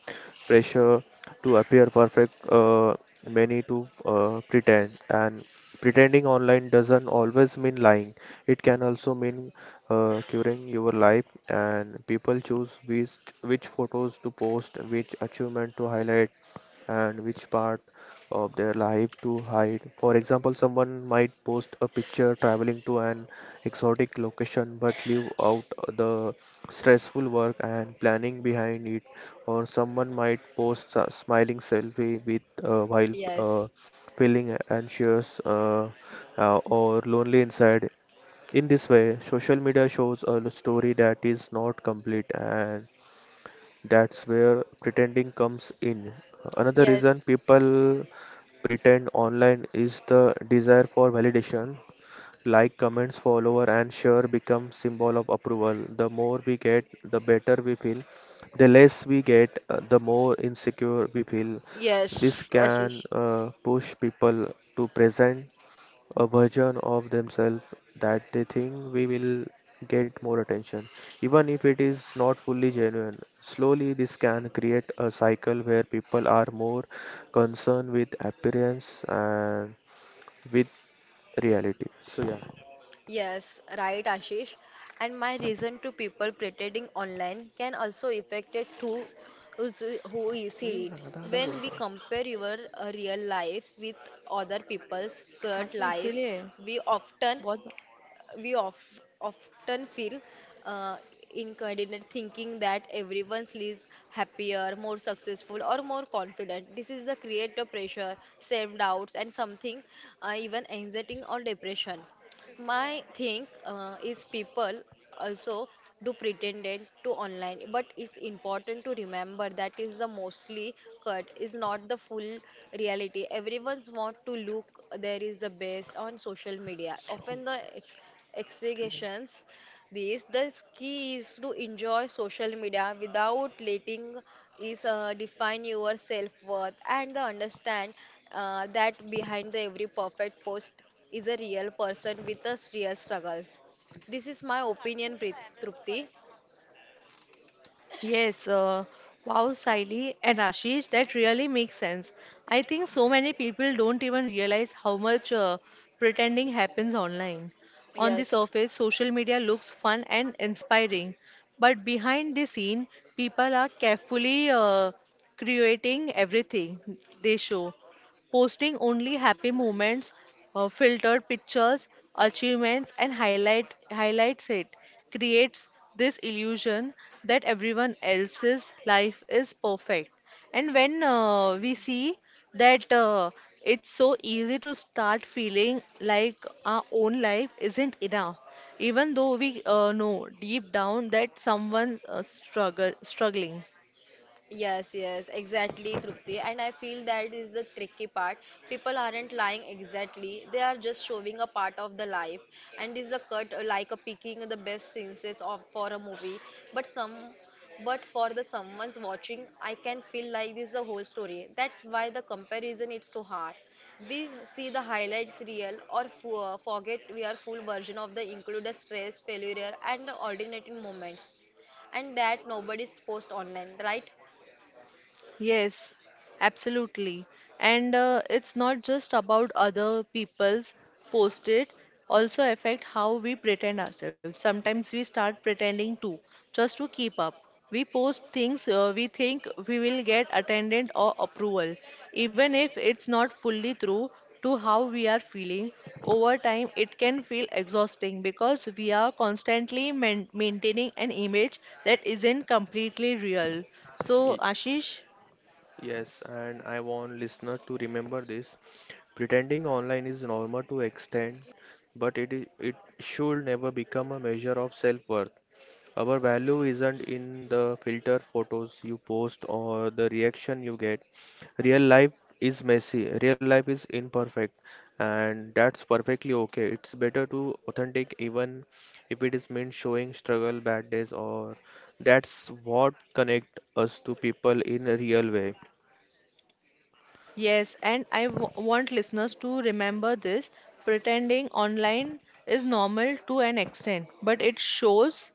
[SPEAKER 2] pressure to appear perfect, many to pretend, and pretending online doesn't always mean lying, it can also mean curing your life, and people choose which photos to post, which achievement to highlight, and which part of their life to hide. For example, someone might post a picture traveling to an exotic location but leave out the stressful work and planning behind it, or someone might post a smiling selfie with while
[SPEAKER 3] Yes.
[SPEAKER 2] feeling anxious, or lonely inside. In this way, social media shows a story that is not complete, and that's where pretending comes in. Another
[SPEAKER 3] Yes.
[SPEAKER 2] reason people pretend online is the desire for validation. Like, comments, follower, and share become symbol of approval. The more we get, the better we feel. The less we get, the more insecure we feel. This
[SPEAKER 3] Yes,
[SPEAKER 2] can
[SPEAKER 3] Ashish.
[SPEAKER 2] push people to present a version of themselves that they think we will get more attention, even if it is not fully genuine. Slowly, this can create a cycle where people are more concerned with appearance and with reality. So, yeah.
[SPEAKER 3] Yes, right, Ashish. And my reason to people pretending online can also affect it to who's- who you see
[SPEAKER 2] colon
[SPEAKER 3] it.
[SPEAKER 2] आधा आधा
[SPEAKER 3] When
[SPEAKER 2] बोलता
[SPEAKER 3] we
[SPEAKER 2] है.
[SPEAKER 3] compare your real lives with other people's
[SPEAKER 1] हाँ
[SPEAKER 3] current
[SPEAKER 1] तो
[SPEAKER 3] lives,
[SPEAKER 1] इसीलिए
[SPEAKER 3] we often
[SPEAKER 1] बहुत.
[SPEAKER 3] we of, often feel uh, incoordinate thinking that everyone lives happier, more successful, or more confident. This is the creator pressure, self doubts, and something even anxiety or depression. My thing is people also do pretended to online, but it's important to remember that is the mostly cut is not the full reality. Everyone's want to look there is the best on social media.
[SPEAKER 2] Slow.
[SPEAKER 3] Often the
[SPEAKER 2] slow.
[SPEAKER 3] executions, this the key is to enjoy social media without letting is define your self-worth and the understand that behind the every perfect post is a real person with a real struggles, this is my opinion, trupti.
[SPEAKER 1] Yes, wow, Saili and Ashish, that really makes sense. I think so many people don't even realize how much pretending happens online. On the
[SPEAKER 3] Yes.
[SPEAKER 1] surface, social media looks fun and inspiring, but behind the scene, people are carefully creating everything they show. Posting only happy moments, filtered pictures, achievements, and highlights, it creates this illusion that everyone else's life is perfect. And when we see that, it's so easy to start feeling like our own life isn't enough, even though we know deep down that someone struggle struggling.
[SPEAKER 3] Yes, yes, exactly, Trupti. And I feel that is the tricky part. People aren't lying exactly, they are just showing a part of the life. And is a cut like a picking the best scenes of for a movie. But some but for the someone's watching, I can feel like this is the whole story. That's why the comparison is so hard. We see the highlights real or forget we are full version of the included stress, failure and the alternating moments. And that nobody's post online, right?
[SPEAKER 1] Yes, absolutely. And it's not just about other people's post, it also affect how we pretend ourselves. Sometimes we start pretending too, just to keep up. We post things we think we will get attendant or approval, even if it's not fully true to how we are feeling. Over time, it can feel exhausting because we are constantly maintaining an image that isn't completely real. So, Ashish.
[SPEAKER 2] Yes, and I want listener to remember this: pretending online is normal to extend, but it should never become a measure of self worth. Our value isn't in the filter photos you post or the reaction you get. Real life is messy, real life is imperfect, and that's perfectly okay. It's better to authentic even if it is meant showing struggle, bad days, or that's what connect us to people in a real way.
[SPEAKER 1] Yes, and I want listeners to remember this, pretending online is normal to an extent, but it shows,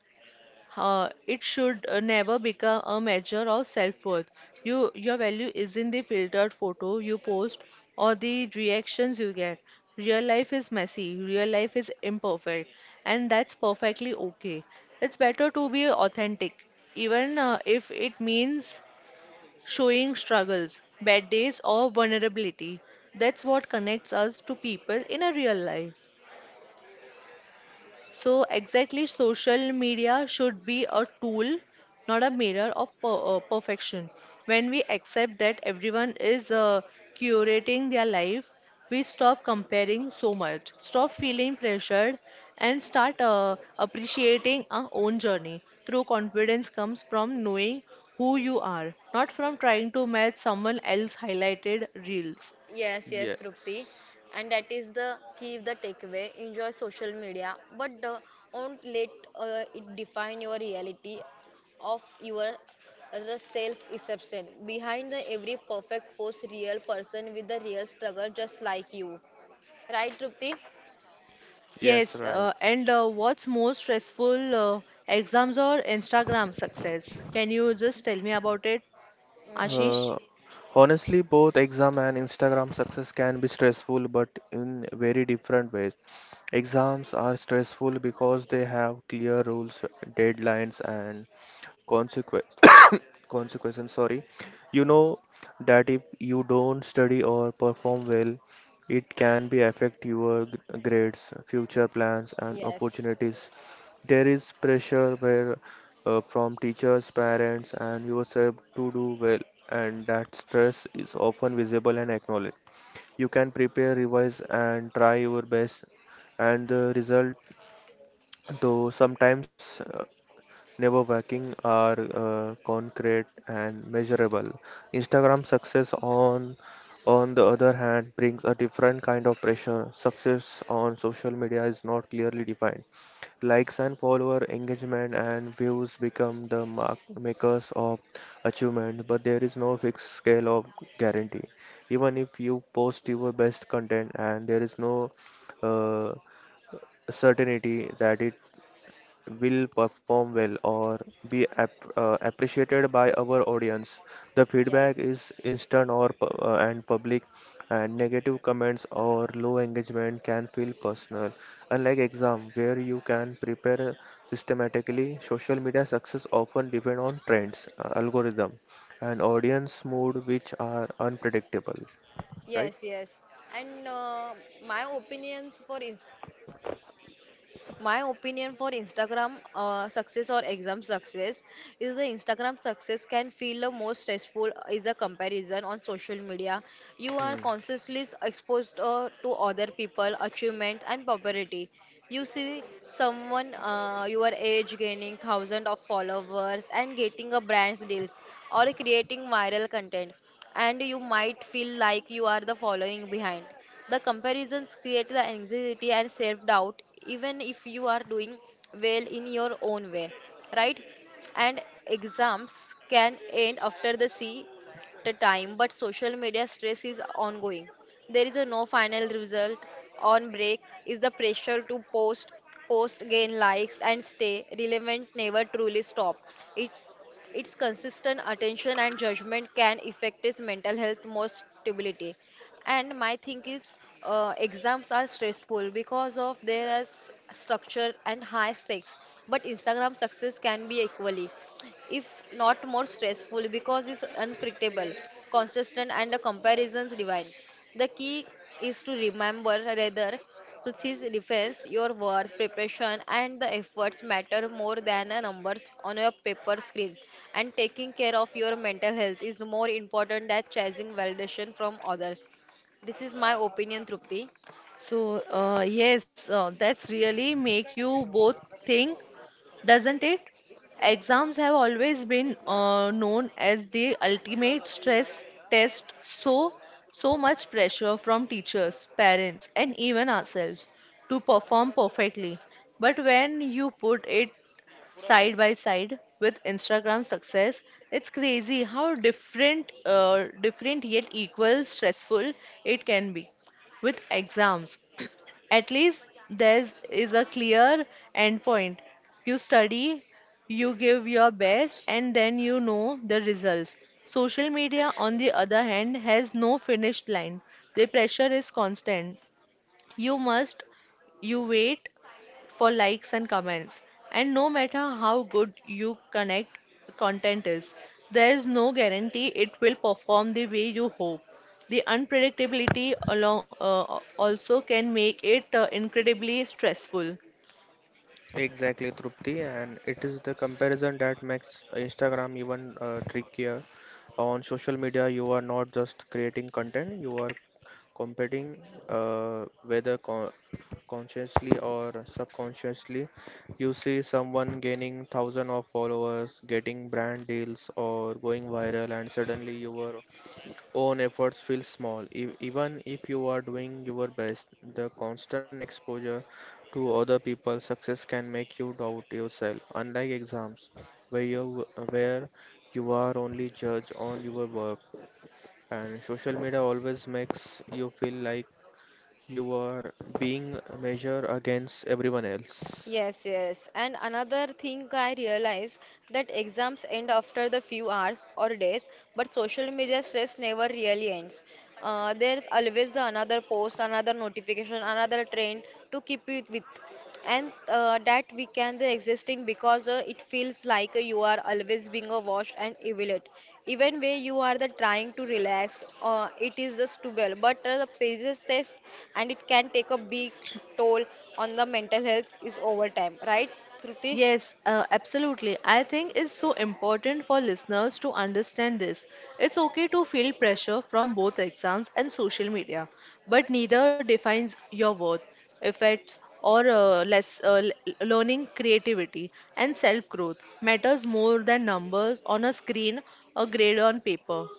[SPEAKER 1] it should never become a measure of self-worth. You, your value isn't the filtered photo you post or the reactions you get. Real life is messy, real life is imperfect, and that's perfectly okay. It's better to be authentic, even if it means showing struggles, bad days, or vulnerability. That's what connects us to people in a real life. So, exactly, social media should be a tool, not a mirror of perfection. When we accept that everyone is curating their life, we stop comparing so much, stop feeling pressured, and start appreciating our own journey. True confidence comes from knowing who you are, not from trying to match someone else's highlighted reels.
[SPEAKER 3] Yes, yes, Trupti.
[SPEAKER 2] Yes.
[SPEAKER 3] And that is the key, the takeaway. Enjoy social media, but don't let it define your reality of your self perception. Behind the every perfect post, real person with a real struggle, just like you. Right, Trupti?
[SPEAKER 2] Yes,
[SPEAKER 1] Yes,
[SPEAKER 2] right.
[SPEAKER 1] and what's more stressful, exams or Instagram success? Can you just tell me about it,
[SPEAKER 3] Mm,
[SPEAKER 1] Ashish?
[SPEAKER 2] Uh, Honestly, both exam and Instagram success can be stressful, but in very different ways. Exams are stressful because they have clear rules, deadlines, and consequence. Consequences, sorry. You know that if you don't study or perform well, it can be affect your grades, future plans, and
[SPEAKER 3] yes,
[SPEAKER 2] opportunities. There is pressure where from teachers, parents, and yourself to do well, and that stress is often visible and acknowledged. You can prepare, revise, and try your best, and the result, though sometimes never working, are concrete and measurable. Instagram success on the other hand brings a different kind of pressure. Success on social media is not clearly defined. Likes and follower engagement and views become the mark makers of achievement, but there is no fixed scale of guarantee. Even if you post your best content and there is no uh, certainty that it will perform well or be ap appreciated by our audience. The feedback
[SPEAKER 3] yes.
[SPEAKER 2] is instant or and public, and negative comments or low engagement can feel personal. Unlike exam, where you can prepare systematically, social media success often depend on trends, algorithm, and audience mood, which are unpredictable, right?
[SPEAKER 3] Yes, yes. And my opinions for Instagram. My opinion for instagram success or exam success is the instagram success can feel the most stressful is a comparison on social media, you are
[SPEAKER 2] Hmm.
[SPEAKER 3] constantly exposed to other people achievement and popularity. You see someone your age gaining thousands of followers and getting a brand deals or creating viral content and you might feel like you are the following behind the comparisons create the anxiety and self doubt, even if you are doing well in your own way, right? And exams can end after the C the time, but social media stress is ongoing. There is a no final result. On break is the pressure to post, post, gain likes, and stay relevant. Never truly stop. It's its consistent attention and judgment can affect his mental health more stability and my thing is exams are stressful because of their structure and high stakes, but instagram success can be equally if not more stressful because it's unpredictable consistent and the comparisons divine the key is to remember rather so this defense your worth preparation and the efforts matter more than the numbers on your paper screen and taking care of your mental health is more important than chasing validation from others, this is my opinion, Trupti.
[SPEAKER 1] So, yes, that's really make you both think, doesn't it? Exams have always been known as the ultimate stress test, so so much pressure from teachers, parents, and even ourselves to perform perfectly. But when you put it side by side with Instagram success. It's crazy how different, different yet equal stressful it can be with exams. At least there is a clear endpoint. You study, you give your best, and then you know the results. Social media, on the other hand, has no finished line. The pressure is constant. You must, you wait for likes and comments. And no matter how good you connect content is, there is no guarantee it will perform the way you hope. The unpredictability along also can make it incredibly stressful.
[SPEAKER 2] Exactly, Trupti, and it is the comparison that makes Instagram even trickier. On social media, you are not just creating content, you are competing, whether consciously or subconsciously. You see someone gaining thousands of followers, getting brand deals, or going viral, and suddenly you are own efforts feel small. Even if you are doing your best, the constant exposure to other people's success can make you doubt yourself. Unlike exams, where you are only judged on your work, and social media always makes you feel like you are being measured against everyone else.
[SPEAKER 3] Yes, yes. And another thing I realize that exams end after the few hours or days, but social media stress never really ends. There's always the another post, another notification, another trend to keep it with. And that we can the existing because it feels like you are always being watched and evaluated. Even when you are the trying to relax, it is the stubble, but the pages test and it can take a big toll on the mental health is over time, right, Trupti?
[SPEAKER 1] Yes, absolutely. I think it's so important for listeners to understand this. It's okay to feel pressure from both exams and social media, but neither defines your worth, effects, or learning, creativity, and self growth matters more than numbers on a screen or grade on paper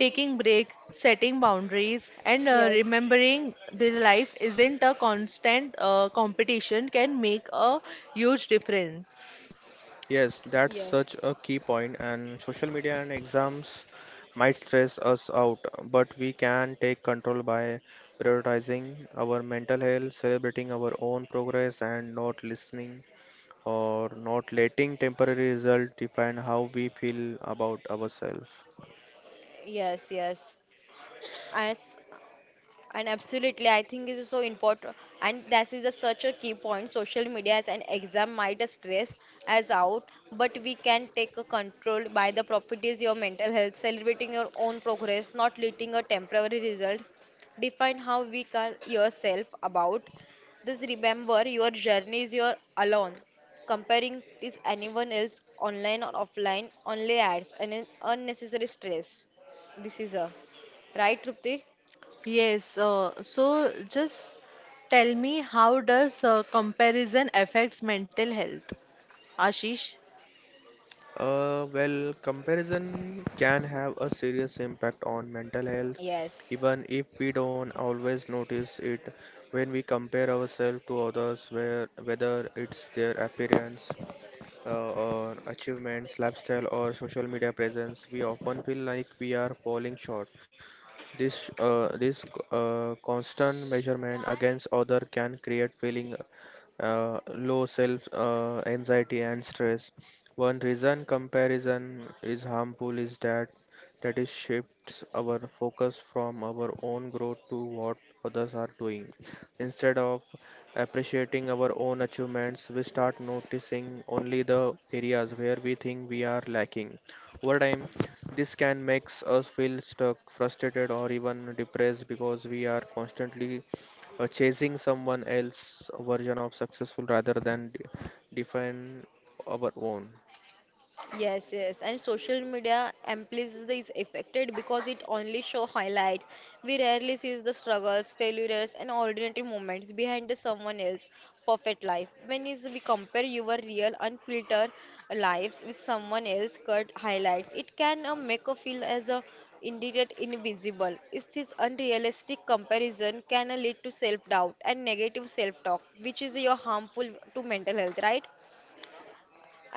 [SPEAKER 1] taking break, setting boundaries, and
[SPEAKER 3] Yes,
[SPEAKER 1] remembering the life isn't a constant competition can make a huge difference.
[SPEAKER 2] Yes, that's
[SPEAKER 3] yes,
[SPEAKER 2] such a key point, and social media and exams might stress us out, but we can take control by prioritizing our mental health, celebrating our own progress, and not listening or not letting temporary results define how we feel about ourselves.
[SPEAKER 3] yes, yes. And s- And absolutely, I think it is so important, and that is a, such a key point. Social media as an exam might stress us out, but we can take a control by the properties your mental health, celebrating your own progress, not letting a temporary result define how we can yourself about. This remember your journey is your alone. Comparing is anyone else online or offline only adds an unnecessary stress. This is a right, Trupti?
[SPEAKER 1] Yes, so just tell me how does comparison affects mental health? Ashish?
[SPEAKER 2] Well, comparison can have a serious impact on mental health,
[SPEAKER 3] Yes.
[SPEAKER 2] even if we don't always notice it when we compare ourselves to others, whether it's their appearance, or achievements, lifestyle, or social media presence, we often feel like we are falling short. This constant measurement against other can create feeling, low self, anxiety and stress. One reason comparison is harmful is that it shifts our focus from our own growth to what others are doing. Instead of appreciating our own achievements, we start noticing only the areas where we think we are lacking. Over time, this can make us feel stuck, frustrated, or even depressed because we are constantly chasing someone else's version of successful rather than define our own.
[SPEAKER 3] Yes, yes, and social media amplifies is affected because it only show highlights. We rarely see the struggles, failures, and ordinary moments behind the someone else perfect life. When is we compare your real unfiltered lives with someone else cut highlights, it can make a feel as a indeed invisible. Is this unrealistic comparison can lead to self doubt and negative self talk, which is your harmful to mental health, right?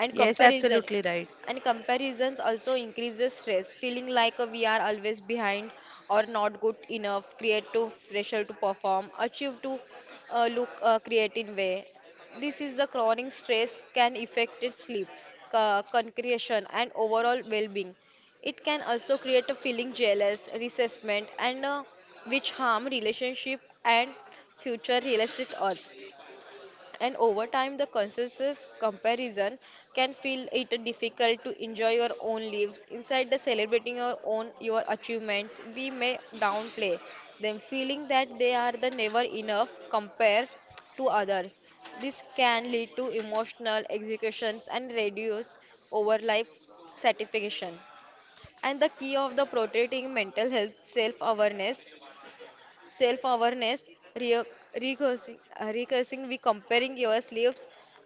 [SPEAKER 3] and
[SPEAKER 1] Yes,
[SPEAKER 3] comparison
[SPEAKER 1] absolutely right.
[SPEAKER 3] and comparisons also increases stress, feeling like we are always behind or not good enough create creative pressure to perform achieve to look creative way. This is the chronic stress can affect its sleep, concretion and overall well-being. It can also create a feeling jealous resentment and which harm relationship and future realistic odds, and over time the conscious comparison can feel it difficult to enjoy your own lives inside the celebrating your own your achievements. We may downplay them, feeling that they are the never enough compared to others. This can lead to emotional executions and reduce over life satisfaction. And the key of the protecting mental health self awareness, self-awareness, re- recursing, we comparing your sleeves,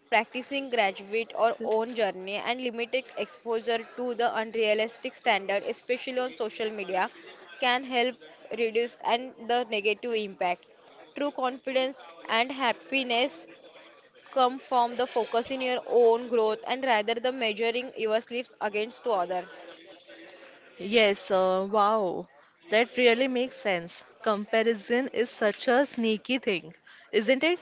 [SPEAKER 3] practicing graduate or own journey, and limited exposure to the unrealistic standard, especially on social media, can help reduce and the negative impact. True confidence and happiness come from the focus in your own growth and rather the measuring your sleeves against to other.
[SPEAKER 1] Yes, wow. That really makes sense. Comparison is such a sneaky thing, isn't it?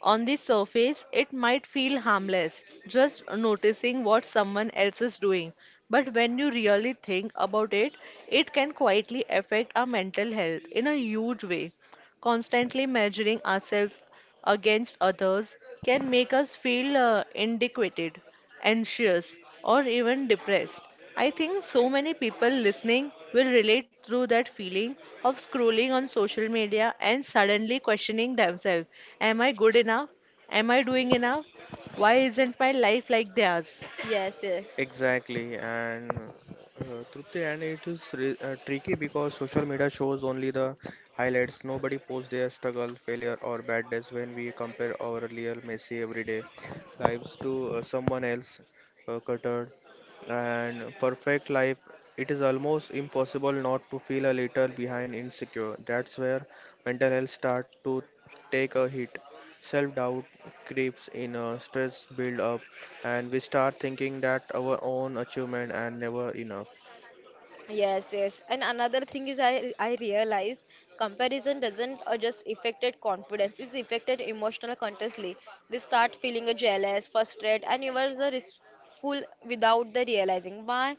[SPEAKER 1] On the surface, it might feel harmless, just noticing what someone else is doing. But when you really think about it, it can quietly affect our mental health in a huge way. Constantly measuring ourselves against others can make us feel inadequate, anxious, or even depressed. I think so many people listening will relate through that feeling of scrolling on social media and suddenly questioning themselves. Am I good enough? Am I doing enough? Why isn't my life like theirs?
[SPEAKER 3] Yes, yes.
[SPEAKER 2] Exactly, and Trupti, and it is re tricky because social media shows only the highlights. Nobody posts their struggle, failure, or bad days when we compare our real messy everyday lives to someone else cluttered and perfect life. It is almost impossible not to feel a little behind insecure. That's where mental health start to take a hit. Self-doubt creeps in, stress build up, and we start thinking that our own achievement and never enough.
[SPEAKER 3] Yes, yes. And another thing is I realize comparison doesn't just affected confidence, it's affected emotional constantly. We start feeling jealous, frustrated, and even the restful without the realizing why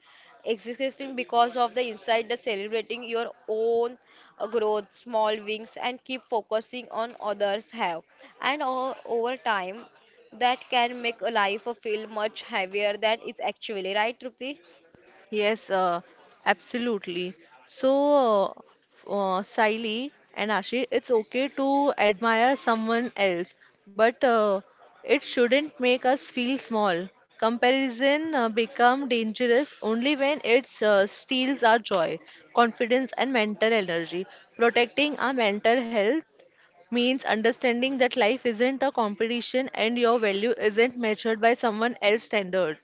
[SPEAKER 3] existing because of the inside the celebrating your own growth, small wings, and keep focusing on others have. And over time, that can make a life feel much heavier than it's actually, right, Trupti?
[SPEAKER 1] Yes, absolutely. So, Saili and Ashi, it's okay to admire someone else, but it shouldn't make us feel small. Comparison become dangerous only when it steals our joy, confidence, and mental energy. Protecting our mental health means understanding that life isn't a competition and your value isn't measured by someone else's standard.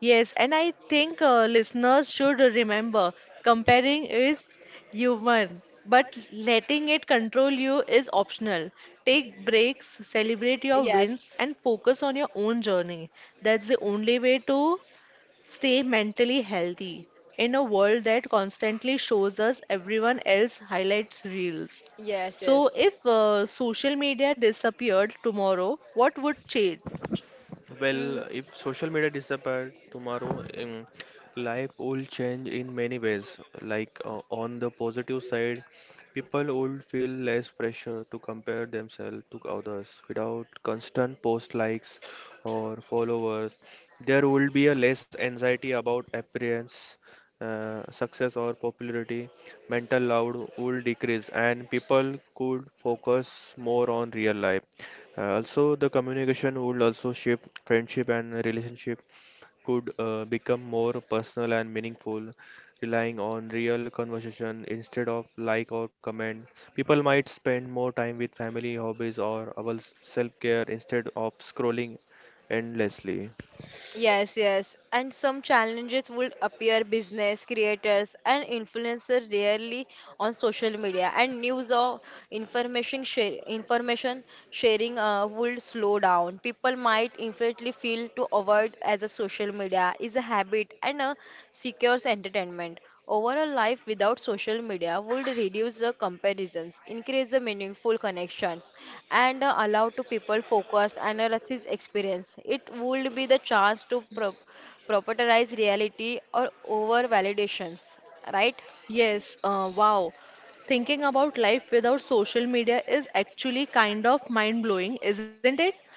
[SPEAKER 1] Yes, and I think listeners should remember comparing is human, but letting it control you is optional. Take breaks, celebrate your wins,
[SPEAKER 3] Yes.
[SPEAKER 1] and focus on your own journey. That's the only way to stay mentally healthy in a world that constantly shows us everyone else highlights reels.
[SPEAKER 3] Yes,
[SPEAKER 1] So,
[SPEAKER 3] yes.
[SPEAKER 1] if social media disappeared tomorrow, what would change?
[SPEAKER 2] Well,
[SPEAKER 3] Mm,
[SPEAKER 2] if social media disappeared tomorrow, life will change in many ways. Like, on the positive side, people will feel less pressure to compare themselves to others without constant post likes or followers. There will be a less anxiety about appearance, success or popularity. Mental load will decrease, and people could focus more on real life. Also, the communication would also shape friendship and relationship, could become more personal and meaningful, relying on real conversation instead of like or comment. People might spend more time with family, hobbies, or our self-care instead of scrolling endlessly.
[SPEAKER 3] yes, yes. And some challenges would appear business creators and influencers rarely on social media and news or information sharing would slow down. People might infinitely feel to avoid as a social media is a habit and a secures entertainment. Overall life without social media would reduce the comparisons, increase the meaningful connections, and allow to people focus and analysis experience. It would be the chance to propertize reality or over validations, right?
[SPEAKER 1] Yes, wow. Thinking about life without social media is actually kind of mind blowing, isn't it?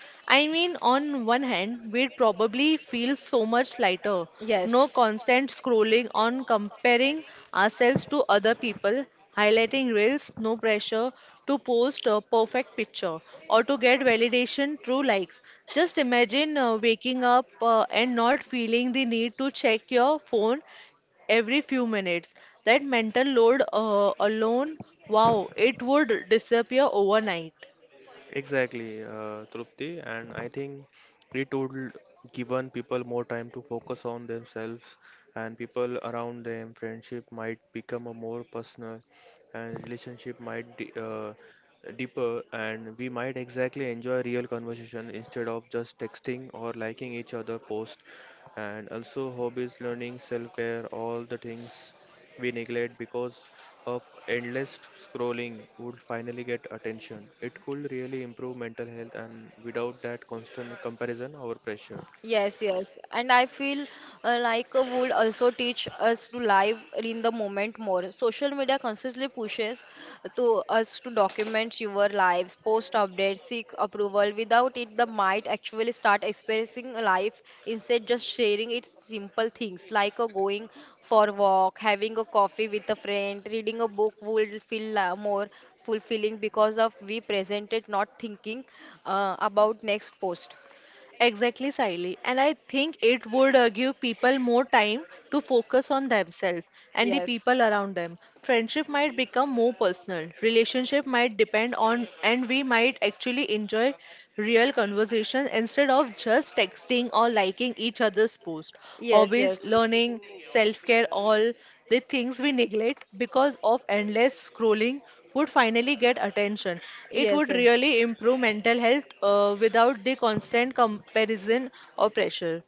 [SPEAKER 1] I mean, on one hand, we'd probably feel so much lighter. No
[SPEAKER 3] Yes.
[SPEAKER 1] constant scrolling on comparing ourselves to other people, highlighting reels, no pressure to post a perfect picture or to get validation through likes. Just imagine waking up and not feeling the need to check your phone every few minutes. That mental load alone, wow, it would disappear overnight.
[SPEAKER 2] Exactly, Trupti, and I think it would given people more time to focus on themselves and people around them. Friendship might become a more personal, and relationship might de deeper, and we might exactly enjoy real conversation instead of just texting or liking each other post. And also hobbies, learning, self-care, all the things we neglect because of endless scrolling would finally get attention. It could really improve mental health, and without that constant comparison or pressure.
[SPEAKER 3] Yes, yes. And I feel like would also teach us to live in the moment more. Social media constantly pushes to us to document your lives, post updates, seek approval. Without it, the might actually start experiencing life instead just sharing its simple things like going for a walk, having a coffee with a friend, reading a book would feel more fulfilling because of we presented not thinking about next post.
[SPEAKER 1] Exactly, Siley. And I think it would give people more time to focus on themselves and the
[SPEAKER 3] Yes.
[SPEAKER 1] people around them. Friendship might become more personal. Relationship might depend on, and we might actually enjoy real conversation instead of just texting or liking each other's post.
[SPEAKER 3] Yes,
[SPEAKER 1] Hobbies,
[SPEAKER 3] yes,
[SPEAKER 1] learning, self-care, all the things we neglect because of endless scrolling would finally get attention. It
[SPEAKER 3] yes,
[SPEAKER 1] would
[SPEAKER 3] eh,
[SPEAKER 1] really improve mental health without the constant comparison or pressure.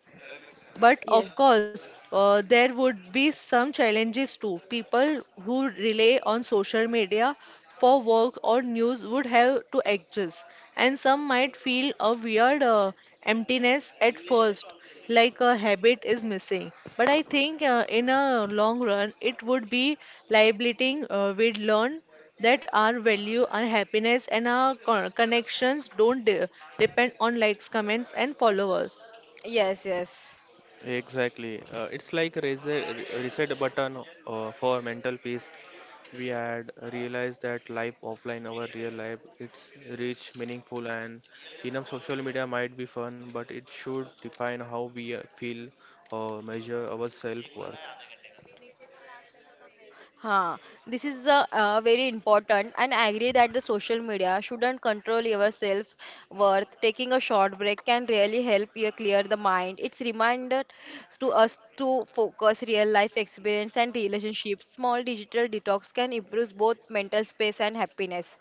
[SPEAKER 1] But
[SPEAKER 3] yes,
[SPEAKER 1] of course, there would be some challenges too. People who rely on social media for work or news would have to adjust, and some might feel a weird emptiness at first, like a habit is missing. But I think in a long run, it would be liberating. We'd learn that our value, our happiness, and our connections don't de- depend on likes, comments, and followers.
[SPEAKER 3] yes, yes.
[SPEAKER 2] Exactly. It's like a reset button for mental peace. We had realized that life offline, our real life, it's rich, meaningful, and enough. Social media might be fun, but it should define how we feel or measure our self worth.
[SPEAKER 3] Huh. This is the very important, and I agree that the social media shouldn't control your self worth. Taking a short break can really help you clear the mind. It's reminded to us to focus real life experience and relationships. Small digital detox can improve both mental space and happiness.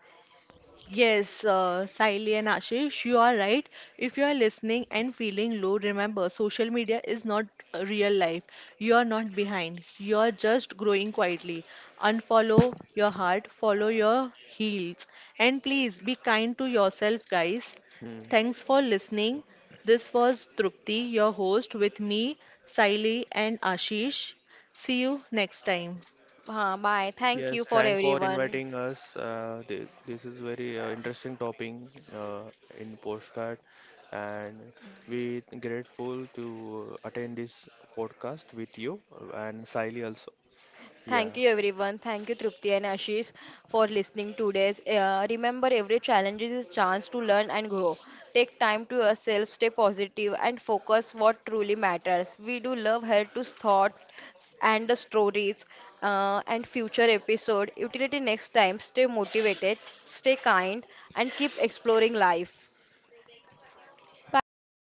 [SPEAKER 1] Yes, Saili and Ashish, you are right. If you are listening and feeling low, remember social media is not real life. You are not behind. You are just growing quietly. Unfollow your heart, follow your heels. And please be kind to yourself, guys.
[SPEAKER 2] Mm.
[SPEAKER 1] Thanks for listening. This was Trupti, your host, with me, Saili and Ashish. See you next time.
[SPEAKER 3] Huh. Bye. Thank
[SPEAKER 2] Yes,
[SPEAKER 3] you for
[SPEAKER 2] thank for
[SPEAKER 3] everyone.
[SPEAKER 2] inviting us. This is very interesting topic uh, in postcard, and we grateful to attend this podcast with you, and Siley also. Yeah,
[SPEAKER 3] Thank you, everyone. Thank you, Trupti and Ashish, for listening today. Remember, every challenge is a chance to learn and grow. Take time to yourself, stay positive, and focus what truly matters. We do love her to thoughts and the stories and future episode. Utility next time. Stay motivated, stay kind, and keep exploring life. Bye bye, guys.